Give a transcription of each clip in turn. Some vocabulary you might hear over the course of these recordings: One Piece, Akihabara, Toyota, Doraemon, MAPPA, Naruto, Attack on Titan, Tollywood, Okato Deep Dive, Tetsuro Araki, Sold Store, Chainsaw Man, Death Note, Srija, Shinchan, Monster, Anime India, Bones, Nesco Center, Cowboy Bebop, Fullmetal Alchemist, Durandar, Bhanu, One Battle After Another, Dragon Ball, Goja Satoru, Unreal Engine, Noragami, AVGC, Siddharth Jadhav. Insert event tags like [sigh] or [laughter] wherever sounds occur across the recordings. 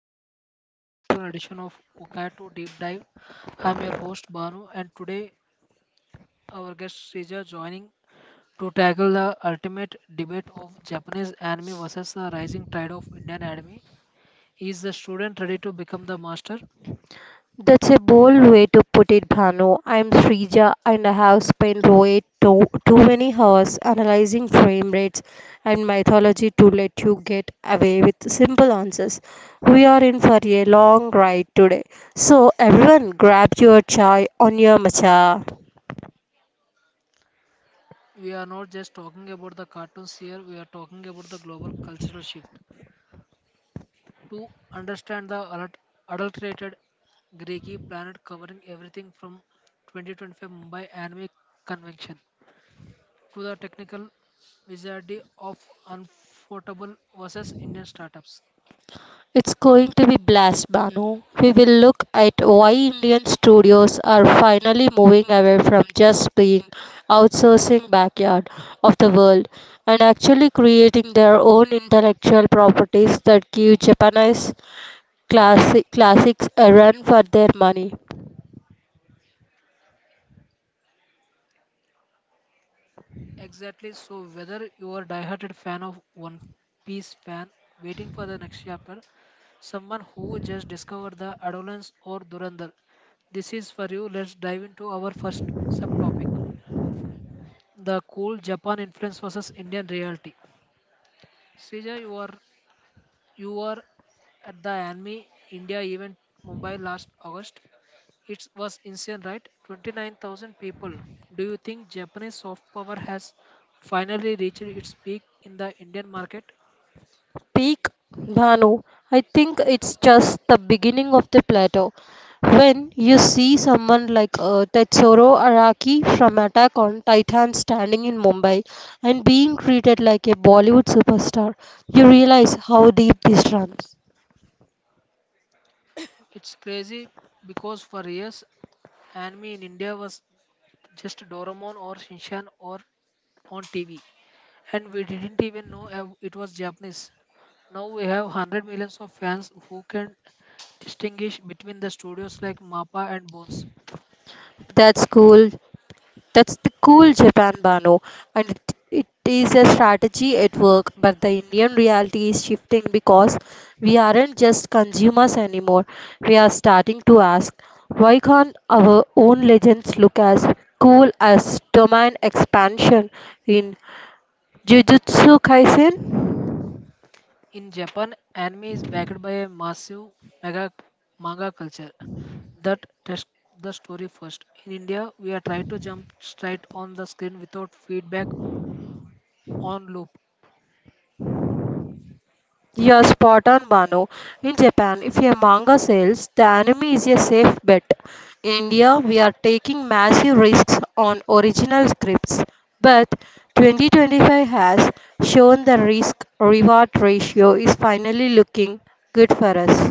everyone to a special marathon edition of Okato Deep Dive. I'm your host Banu, and today our guest Sija joining to tackle the ultimate debate of Japanese anime versus the rising tide of Indian anime. Is the student ready to become the master? That's a bold way to put it, Bhanu. I'm Srija and I have spent way too many hours analyzing frame rates and mythology to let you get away with simple answers. We are in for a long ride today. So, everyone, grab your chai on your matcha. We are not just talking about the cartoons here, we are talking about the global cultural shift. To understand the adulterated Greeki planet covering everything from 2025 Mumbai Anime Convention to the technical wizardry of unforgettable versus Indian startups. It's going to be blast, Banu. We will look at why Indian studios are finally moving away from just being outsourcing backyard of the world and actually creating their own intellectual properties that give Japanese classics a run for their money. Exactly. So whether you are a diehard fan of One Piece fan waiting for the next chapter, someone who just discovered the Adolescence or Durandar, this is for you. Let's dive into our first subtopic: the cool Japan influence versus Indian reality. Srija, you are at the Anime India event Mumbai last August. It was insane, right? 29,000 people. Do you think Japanese soft power has finally reached its peak in the Indian market? Peak, Bhanu, I think it's just the beginning of the plateau. When you see someone like Tetsuro Araki from Attack on Titan standing in Mumbai and being treated like a Bollywood superstar, you realize how deep this runs. It's crazy because for years, anime in India was just Doraemon or Shinchan or on TV, and we didn't even know it was Japanese. Now we have 100 millions of fans who can distinguish between the studios like MAPPA and Bones. That's cool. That's the cool Japan Bano, and it is a strategy at work. But the Indian reality is shifting because we aren't just consumers anymore. We are starting to ask why can't our own legends look as cool as domain expansion in Jujutsu Kaisen? In Japan, anime is backed by a massive mega manga culture that tests the story first. In India, we are trying to jump straight on the screen without feedback on loop. You're spot on, Bano. In Japan, if a manga sells, the anime is a safe bet. In India, we are taking massive risks on original scripts, but 2025 has shown the risk reward ratio is finally looking good for us.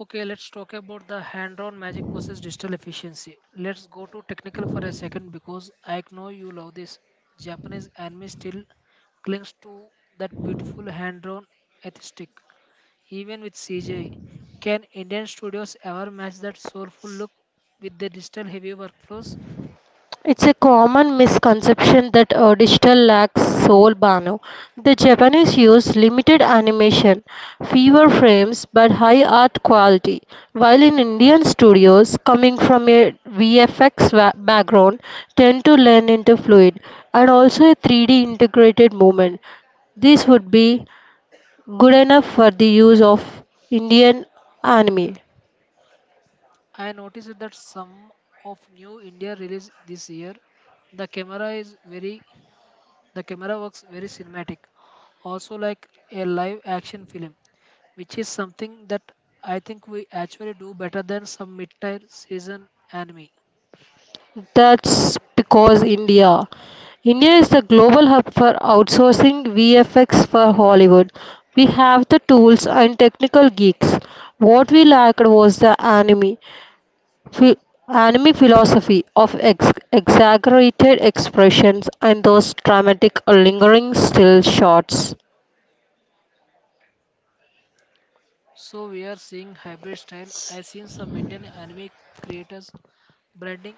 Okay, let's talk about the hand-drawn magic versus digital efficiency. Let's go to technical for a second because I know you love this. Japanese anime still clings to that beautiful hand-drawn aesthetic. Even with CGI. Can Indian studios ever match that soulful look with their digital heavy workflows? It's a common misconception that digital lacks soul, Banu. The Japanese use limited animation, fewer frames, but high art quality. While in Indian studios, coming from a VFX background, tend to lean into fluid and also a 3D integrated movement. This would be good enough for the use of Indian anime. I noticed that some of new India release this year, the camera is very the camera works very cinematic, also like a live action film, which is something that I think we actually do better than some mid-tier season anime. That's because India is the global hub for outsourcing VFX for Hollywood. We have the tools and technical geeks. What we lacked was the phi- anime philosophy of exaggerated expressions and those dramatic, lingering still shots. So we are seeing hybrid style. I've seen some Indian anime creators branding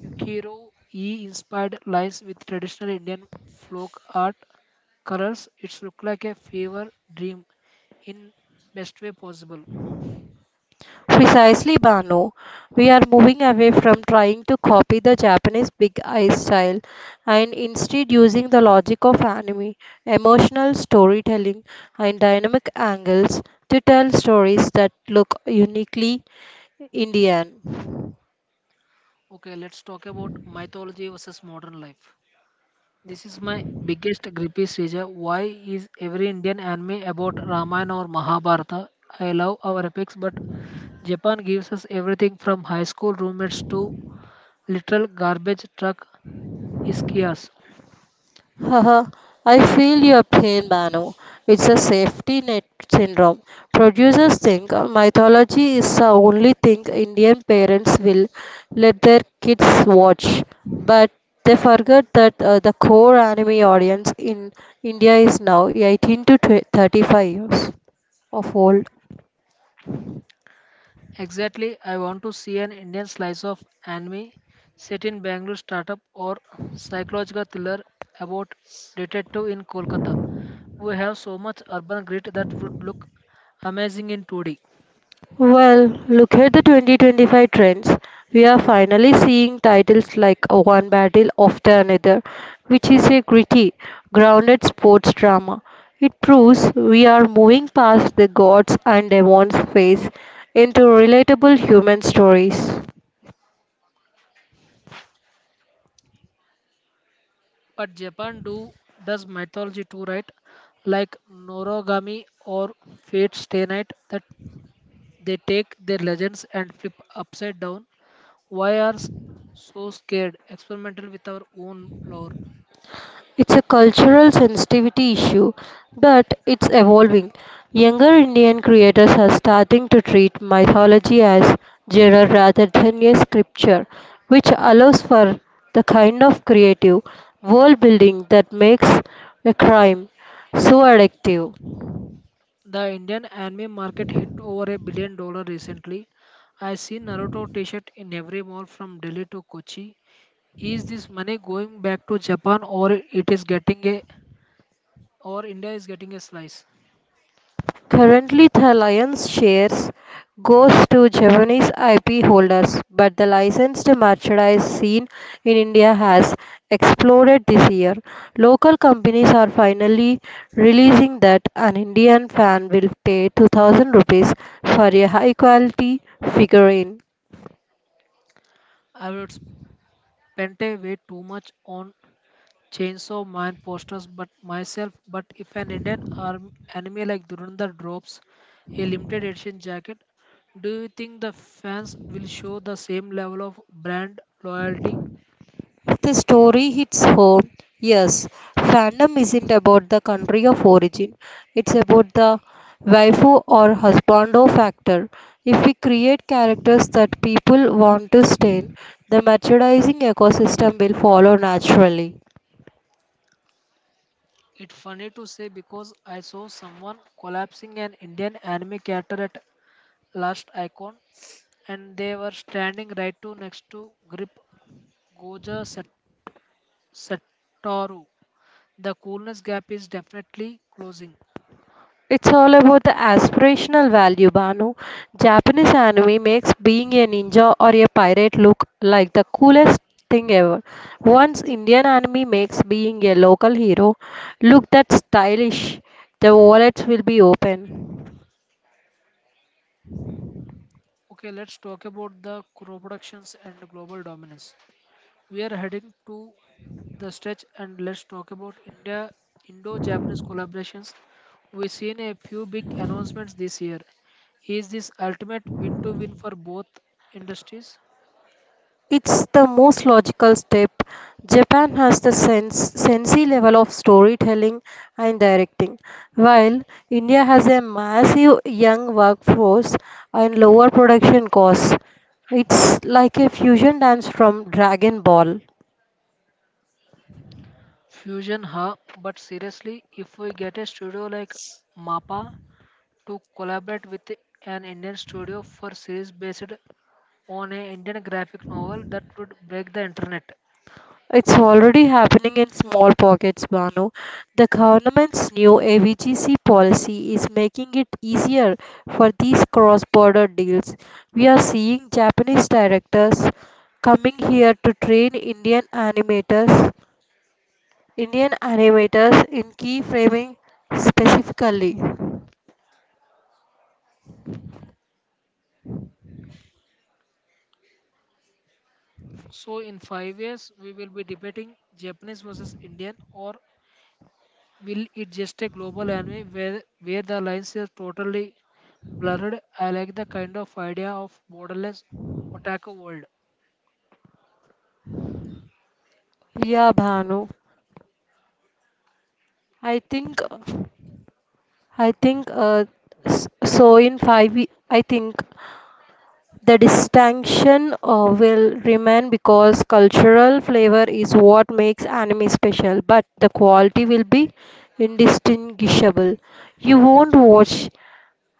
Yukiro E inspired lines with traditional Indian folk art colors. It's look like a fever dream in best way possible. Precisely, Bano. We are moving away from trying to copy the Japanese big eye style and instead using the logic of anime, emotional storytelling, and dynamic angles to tell stories that look uniquely Indian. Okay, let's talk about mythology versus modern life. This is my biggest grippy seizure. Why is every Indian anime about Ramayana or Mahabharata? I love our epics, but Japan gives us everything from high school roommates to literal garbage truck ischias. Haha, I feel your pain, Manu. It's a safety net syndrome. Producers think mythology is the only thing Indian parents will let their kids watch, but they forget that the core anime audience in India is now 18 to 20 35 years of old. Exactly, I want to see an Indian slice of anime set in Bangalore startup or psychological thriller about detective in Kolkata. We have so much urban grit that would look amazing in 2D. Well, look at the 2025 trends. We are finally seeing titles like One Battle After Another, which is a gritty, grounded sports drama. It proves we are moving past the gods and demons phase into relatable human stories. But Japan do does mythology too, right? Like Noragami or Fate Stay Night that they take their legends and flip upside down. Why are s- so scared? Experimental with our own lore. It's a cultural sensitivity issue, but it's evolving. Younger Indian creators are starting to treat mythology as genre rather than a scripture, which allows for the kind of creative world building that makes a crime so addictive. The Indian anime market hit over $1 billion recently. I see Naruto t-shirt in every mall from Delhi to Kochi. Is this money going back to Japan or it is getting a or India is getting a slice? Currently the Lions shares goes to Japanese IP holders, but the licensed merchandise scene in India has exploded this year. Local companies are finally releasing that an Indian fan will pay 2000 rupees for a high quality figurine. I would spend a way too much on Chainsaw Man posters but myself but if an Indian arm, anime like Durandar drops a limited edition jacket, do you think the fans will show the same level of brand loyalty? The story hits home. Yes, fandom isn't about the country of origin, it's about the waifu or husbando factor. If we create characters that people want to stain, the merchandising ecosystem will follow naturally. It's funny to say because I saw someone collapsing an Indian anime character at last icon and they were standing right to next to Goja Set- Satoru. The coolness gap is definitely closing. It's all about the aspirational value, Banu. Japanese anime makes being a ninja or a pirate look like the coolest thing ever. Once Indian anime makes being a local hero look that stylish, the wallets will be open. Okay, let's talk about the co-productions and global dominance. We are heading to the stretch and let's talk about India Indo-Japanese collaborations. We've seen a few big announcements this year. Is this ultimate win-to-win for both industries? It's the most logical step. Japan has the sensei level of storytelling and directing, while India has a massive young workforce and lower production costs. It's like a fusion dance from Dragon Ball. Fusion, huh? But seriously, if we get a studio like MAPPA to collaborate with an Indian studio for series based on an Indian graphic novel, that would break the internet. It's already happening in small pockets, Banu. The government's new AVGC policy is making it easier for these cross border deals. We are seeing Japanese directors coming here to train Indian animators in keyframing specifically. So in 5 years, we will be debating Japanese versus Indian or will it just a global anime where the lines are totally blurred? I like the kind of idea of borderless otaku world. Yeah, Bhanu. I think I think uh, so in 5 ye- I think the distinction will remain because cultural flavor is what makes anime special, but the quality will be indistinguishable. You won't watch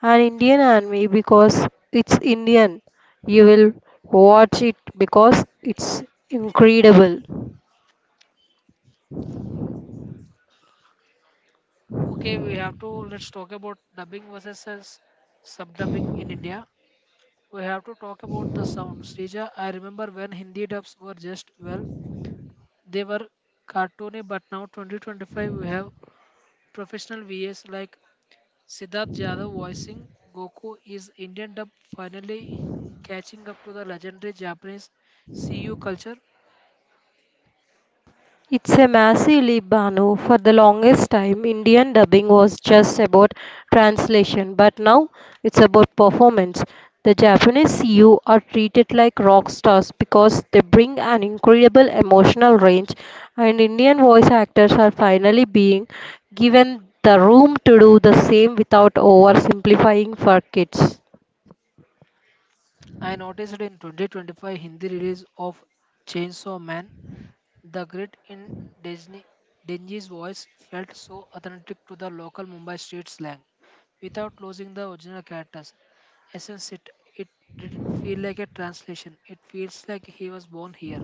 an Indian anime because it's Indian. You will watch it because it's incredible. Okay, we have to let's talk about dubbing versus subdubbing in India. We have to talk about the sound. Srija, I remember when Hindi dubs were just well, they were cartoony, but now 2025 we have professional VAs like Siddharth Jadhav voicing Goku is Indian dub finally catching up to the legendary Japanese CU culture. It's a massively Banu. For the longest time, Indian dubbing was just about translation, but now it's about performance. The Japanese you are treated like rock stars because they bring an incredible emotional range, and Indian voice actors are finally being given the room to do the same without oversimplifying for kids. I noticed in 2025 Hindi release of Chainsaw Man, the grit in Disney, Denji's voice felt so authentic to the local Mumbai street slang without losing the original characters. Essence, it didn't feel like a translation, it feels like he was born here.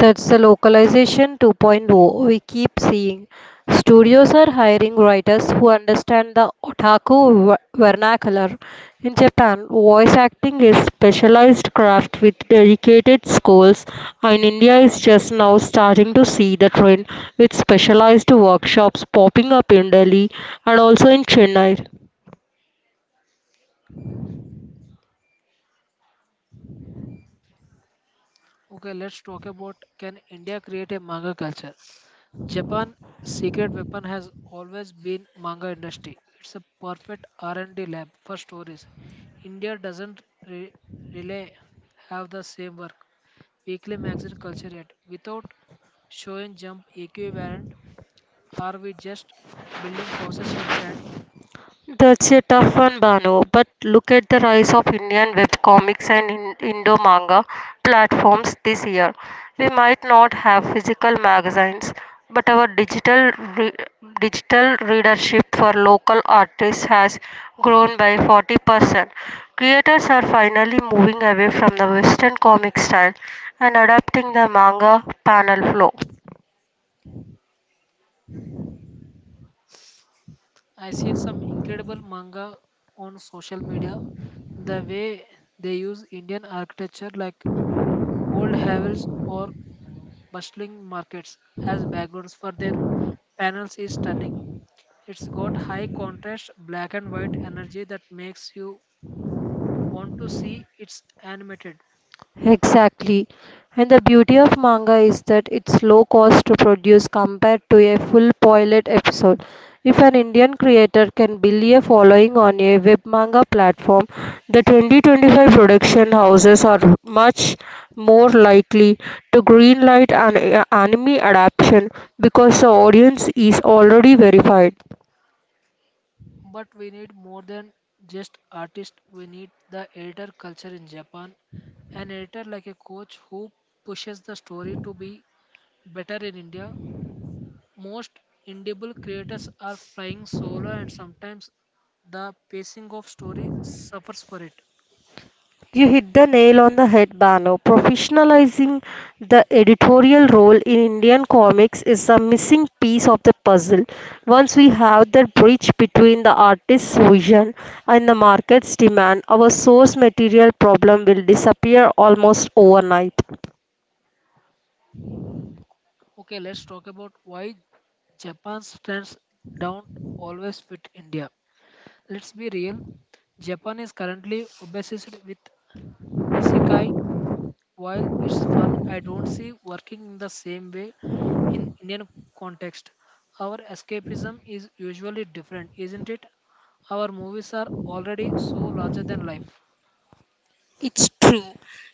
That's the localization 2.0 we keep seeing. Studios are hiring writers who understand the otaku vernacular. In Japan, voice acting is specialized craft with dedicated schools, and India is just now starting to see the trend with specialized workshops popping up in Delhi and also in Chennai. Okay, let's talk about can India create a manga culture? Japan's secret weapon has always been manga industry. It's a perfect R&D lab for stories. India doesn't re- really have the same work weekly magazine culture yet. Without showing jump equivalent, are we just building houses on sand? That's a tough one, Banu. But look at the rise of Indian web comics and Indo manga platforms this year. We might not have physical magazines, but our digital readership for local artists has grown by 40%. Creators are finally moving away from the Western comic style and adapting the manga panel flow. I've seen some incredible manga on social media. The way they use Indian architecture like old hovels or bustling markets as backgrounds for their panels is stunning. It's got high contrast black and white energy that makes you want to see it's animated. Exactly. And the beauty of manga is that it's low cost to produce compared to a full pilot episode. If an Indian creator can build a following on a web manga platform, the 2025 production houses are much more likely to greenlight an anime adaptation because the audience is already verified. But we need more than just artists, we need the editor culture in Japan. An editor like a coach who pushes the story to be better in India. Most indieable creators are flying solo and sometimes the pacing of story suffers for it. You hit the nail on the head, Bano. Professionalizing the editorial role in Indian comics is a missing piece of the puzzle. Once we have that bridge between the artist's vision and the market's demand, our source material problem will disappear almost overnight. Okay, let's talk about why Japan's strengths don't always fit India. Let's be real. Japan is currently obsessed with isekai. While it's fun, I don't see working in the same way in Indian context. Our escapism is usually different, isn't it? Our movies are already so larger than life. It's true.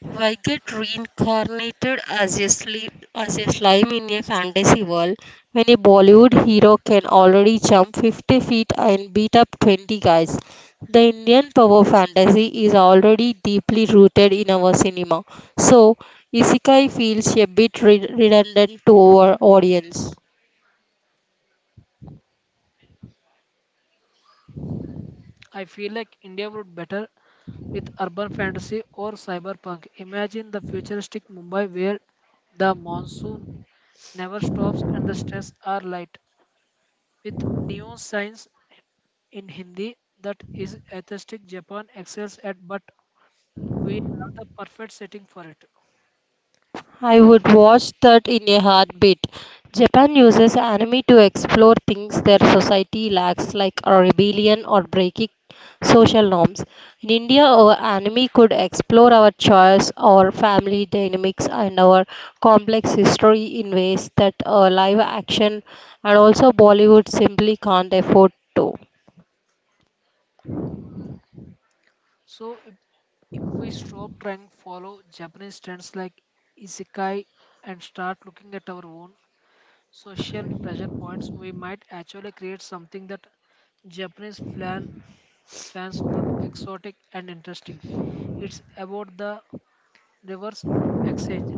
Why get reincarnated as a slime in a fantasy world when a Bollywood hero can already jump 50 feet and beat up 20 guys? The Indian power fantasy is already deeply rooted in our cinema, so Isekai feels a bit redundant to our audience. I feel like India would better with urban fantasy or cyberpunk. Imagine the futuristic Mumbai where the monsoon never stops and the streets are light. With neon signs in Hindi that is aesthetic Japan excels at, but we have the perfect setting for it. I would watch that in a heartbeat. Japan uses anime to explore things their society lacks, like a rebellion or breaking social norms. In India, our anime could explore our choice, our family dynamics, and our complex history in ways that live action and also Bollywood simply can't afford to. So if we stop trying to follow Japanese trends like isekai and start looking at our own social pressure points, we might actually create something that Japanese plan fans would exotic and interesting. It's about the reverse exchange.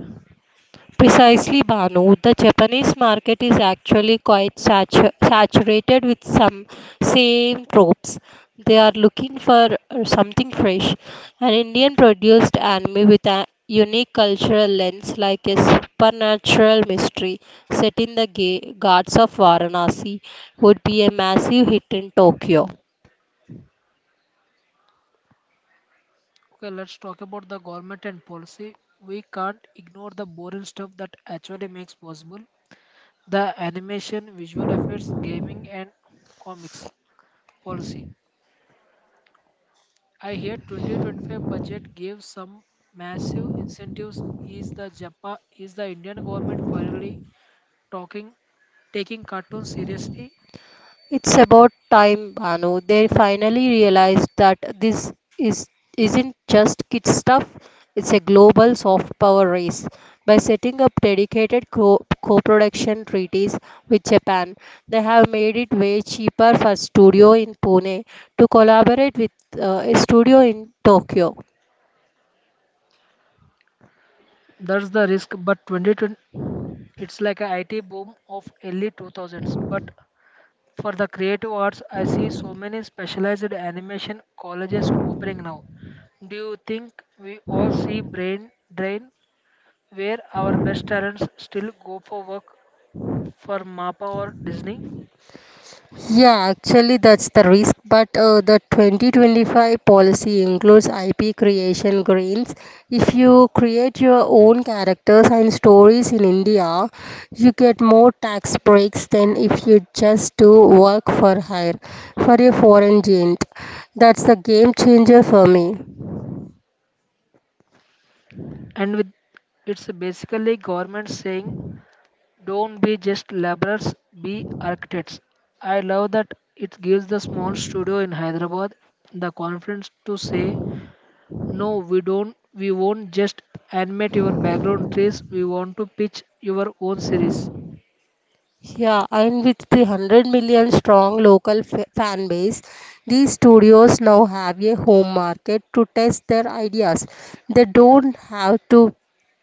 Precisely, Banu. The Japanese market is actually quite saturated with some same tropes. They are looking for something fresh, an Indian produced anime with a unique cultural lens like a supernatural mystery set in the Ghats of Varanasi would be a massive hit in Tokyo. Okay, let's talk about the government and policy. We can't ignore the boring stuff that actually makes possible the animation, visual effects, gaming, and comics policy. I hear 2025 budget gave some massive incentives. Is the Indian government finally talking taking cartoons seriously? It's about time, Banu. They finally realized that this is isn't just kid stuff. It's a global soft power race. By setting up dedicated co-production treaties with Japan, they have made it way cheaper for studio in Pune to collaborate with a studio in Tokyo. That's the risk, but 2020 It's like an IT boom of early 2000s. But for the creative arts, I see so many specialized animation colleges opening now. Do you think we all see brain drain where our best talents still go for work for MAPA or Disney? Yeah, actually, that's the risk. But the 2025 policy includes IP creation greens. If you create your own characters and stories in India, you get more tax breaks than if you just do work for hire for a foreign giant. That's the game changer for me. And with it's basically government saying don't be just laborers, be architects. I love that it gives the small studio in Hyderabad the confidence to say no, we don't. We won't just animate your background trees. We want to pitch your own series. Yeah, and with the 100 million strong local fan base, these studios now have a home market to test their ideas. They don't have to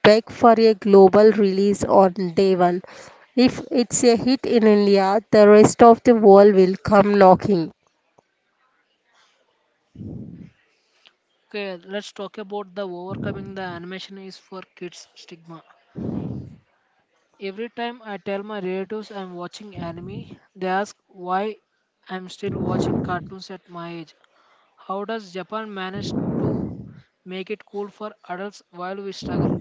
beg for a global release on day one. If it's a hit in India, the rest of the world will come knocking. Okay, let's talk about the overcoming the animation is for kids stigma. Every time I tell my relatives I'm watching anime, they ask why I'm still watching cartoons at my age. How does Japan manage to make it cool for adults while we struggle?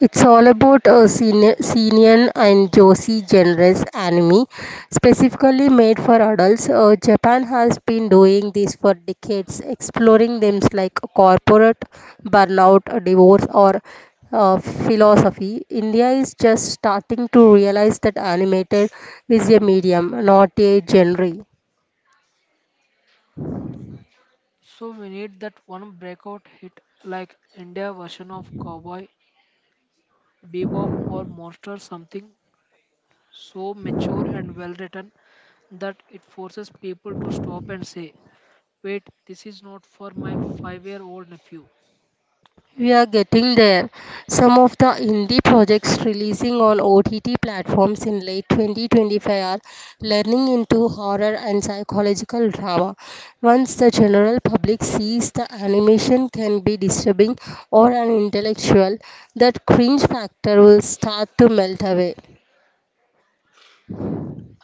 It's all about a senior, and Josie genres anime, specifically made for adults. Japan has been doing this for decades, exploring themes like corporate burnout, divorce, or philosophy. India is just starting to realize that animated is a medium, not a genre. So we need that one breakout hit like India version of Cowboy Bebop or Monster something so mature and well written that it forces people to stop and say, wait, this is not for my 5 year old nephew. We are getting there. Some of the indie projects releasing on OTT platforms in late 2025 are learning into horror and psychological drama. Once the general public sees the animation can be disturbing or unintellectual, that cringe factor will start to melt away.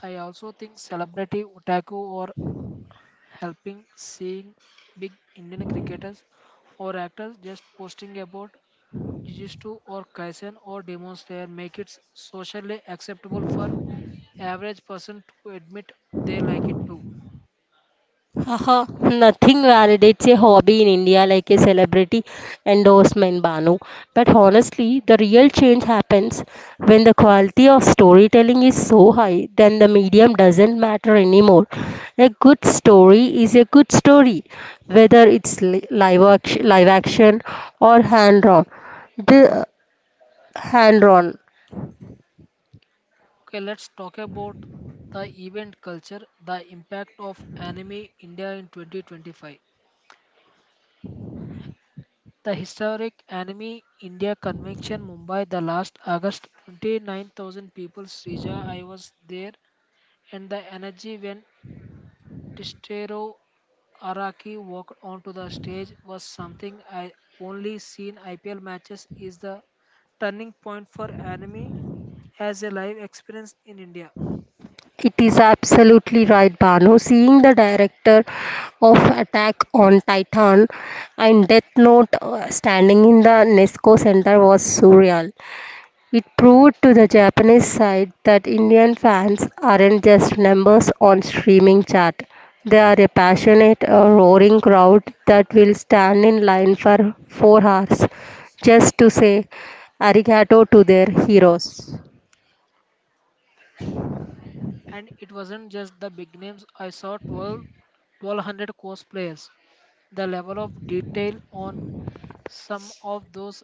I also think celebrity otaku or helping seeing big Indian cricketers or actors just posting about Jujitsu or Kaisen or Demon Slayer make it socially acceptable for average person to admit they like it too. Haha, nothing validates a hobby in India like a celebrity endorsement, Banu. But honestly, the real change happens when the quality of storytelling is so high, then the medium doesn't matter anymore. A good story is a good story, whether it's live action or hand drawn. The hand drawn. Okay, let's talk about the event culture, the impact of Anime India in 2025. The historic Anime India Convention Mumbai, the last August, 29,000 people, Srija, I was there, and the energy when Tistero Araki walked onto the stage was something I only seen IPL matches is the turning point for anime as a live experience in India. It is absolutely right, Banu. Seeing the director of Attack on Titan and Death Note standing in the Nesco Center was surreal. It proved to the Japanese side that Indian fans aren't just numbers on streaming chart. They are a passionate, roaring crowd that will stand in line for 4 hours just to say arigato to their heroes. And it wasn't just the big names. 1200 cosplayers. The level of detail on some of those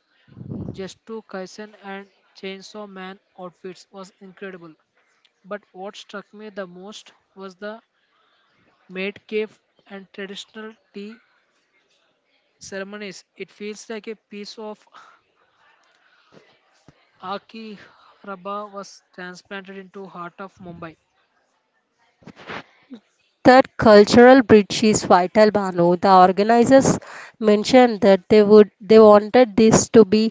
Jestu Kaisen and Chainsaw Man outfits was incredible. But what struck me the most was the maid cave and traditional tea ceremonies. It feels like a piece of Akihabara was transplanted into heart of Mumbai. That cultural bridge is vital, Banu. The organizers mentioned that they wanted this to be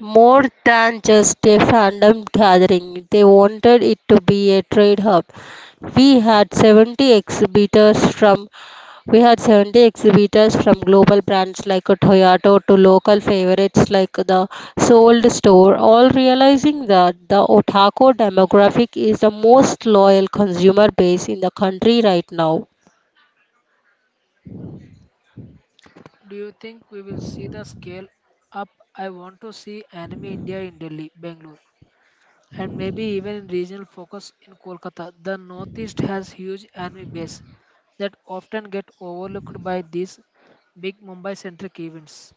more than just a fandom gathering, they wanted it to be a trade hub. We had 70 exhibitors from we had 70 exhibitors from global brands like Toyota to local favorites like the Sold Store, all realizing that the otaku demographic is the most loyal consumer base in the country right now. Do you think we will see the scale up? I want to see Anime India in Delhi, Bangalore, and maybe even in regional focus in Kolkata. The Northeast has huge anime base that often get overlooked by these big Mumbai-centric events.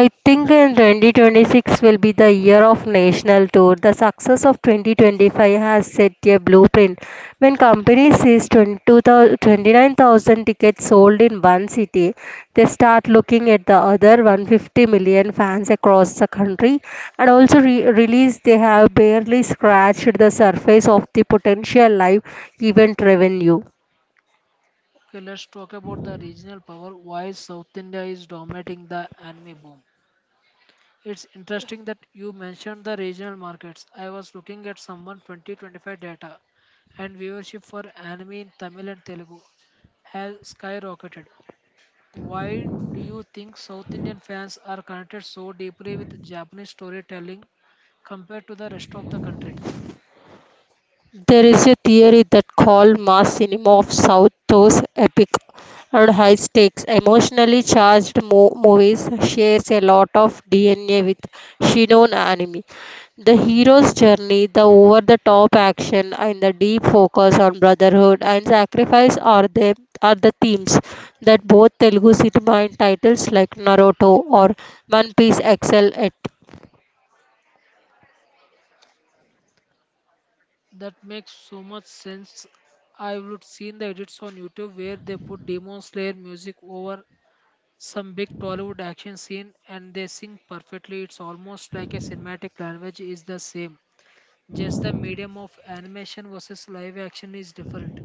I think in 2026 will be the year of national tour. The success of 2025 has set a blueprint. When company sees 22 29,000 tickets sold in one city, they start looking at the other 150 million fans across the country and also release they have barely scratched the surface of the potential live event revenue. Okay, let's talk about the regional power. Why South India is dominating the anime boom? It's interesting that you mentioned the regional markets. I was looking at someone 2025 data and viewership for anime in Tamil and Telugu has skyrocketed. Why do you think South Indian fans are connected so deeply with Japanese storytelling compared to the rest of the country? There is a theory that called mass cinema of South those epic and high-stakes, emotionally-charged movies shares a lot of DNA with Shinon anime. The hero's journey, the over-the-top action, and the deep focus on brotherhood and sacrifice are the themes that both Telugu cinema and titles like Naruto or One Piece excel at. That makes so much sense. I would seen the edits on YouTube where they put Demon Slayer music over some big Tollywood action scene and they sing perfectly. It's almost like a cinematic language is the same. Just the medium of animation versus live action is different.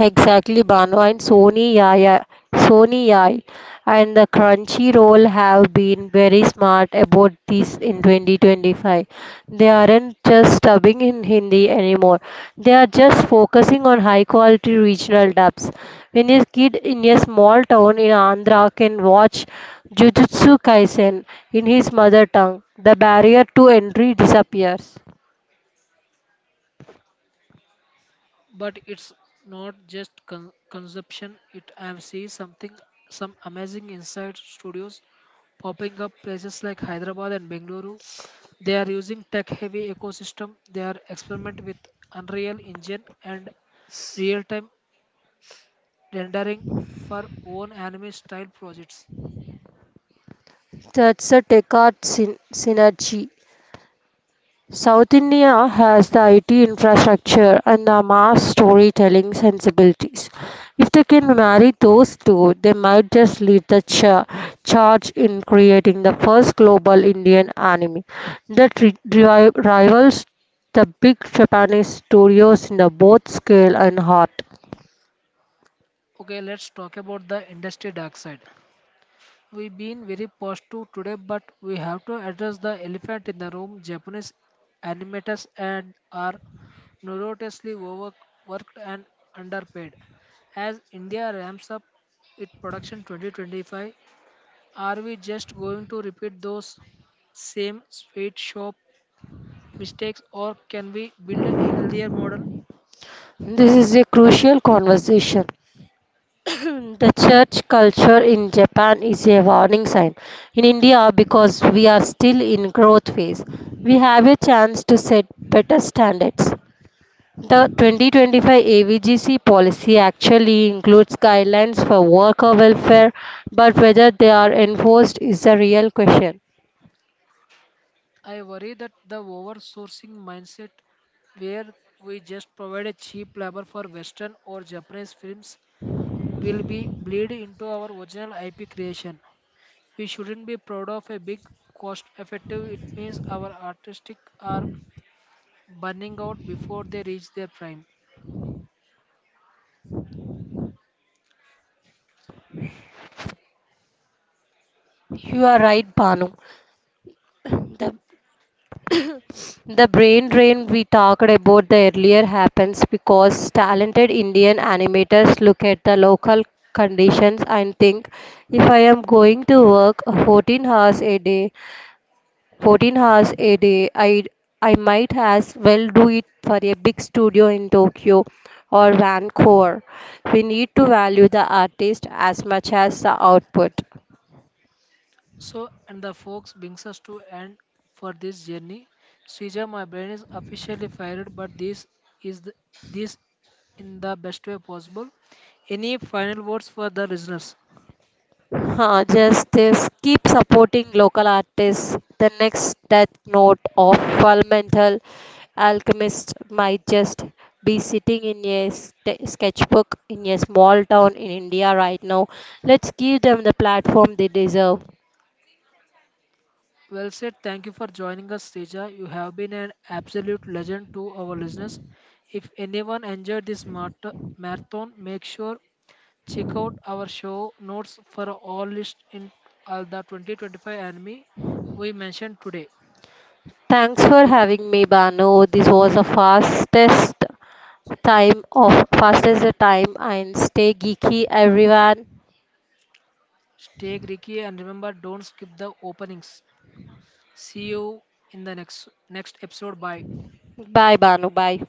Exactly, Banu and Sony Yai and the Crunchyroll have been very smart about this in 2025. They aren't just dubbing in Hindi anymore. They are just focusing on high quality regional dubs. When a kid in a small town in Andhra can watch Jujutsu Kaisen in his mother tongue, the barrier to entry disappears. But it's not just consumption. It I am seeing something some amazing inside studios popping up places like Hyderabad and Bengaluru. They are using tech heavy ecosystem. They are experiment with Unreal Engine and real time rendering for own anime style projects. That's a tech art synergy. South India has the IT infrastructure and the mass storytelling sensibilities. If they can marry those two, they might just lead the charge in creating the first global Indian anime that rivals the big Japanese studios in the both scale and heart. Okay, let's talk about the industry dark side. We've been very positive today, but we have to address the elephant in the room. Japanese animators and are notoriously overworked and underpaid. As India ramps up its production 2025, are we just going to repeat those same sweet shop mistakes or can we build a healthier model? This is a crucial conversation. [coughs] [clears throat] The church culture in Japan is a warning sign. In India, because we are still in growth phase, we have a chance to set better standards. The 2025 AVGC policy actually includes guidelines for worker welfare, but whether they are enforced is the real question. I worry that the oversourcing mindset, where we just provide a cheap labor for Western or Japanese films, will be bleed into our original IP creation. We shouldn't be proud of a big cost effective. It means our artistic are burning out before they reach their prime. You are right, Banu. [coughs] [clears throat] The The brain drain we talked about the earlier happens because talented Indian animators look at the local conditions and think if I am going to work 14 hours a day, 14 hours a day, I might as well do it for a big studio in Tokyo or Vancouver. We need to value the artist as much as the output. So, and the folks brings us to end for this journey. Srija, my brain is officially fired, but is the, this in the best way possible. Any final words for the listeners? Huh, just this. Keep supporting local artists. The next death note of Fundamental Alchemist might just be sitting in a sketchbook in a small town in India right now. Let's give them the platform they deserve. Well said. Thank you for joining us, Srija. You have been an absolute legend to our listeners. If anyone enjoyed this marathon, make sure check out our show notes for all list in all the 2025 anime we mentioned today. Thanks for having me, Banu. This was the fastest time and stay geeky everyone. Stay Greeky and remember don't skip the openings. See you in the next episode. Bye. Bye Banu, bye.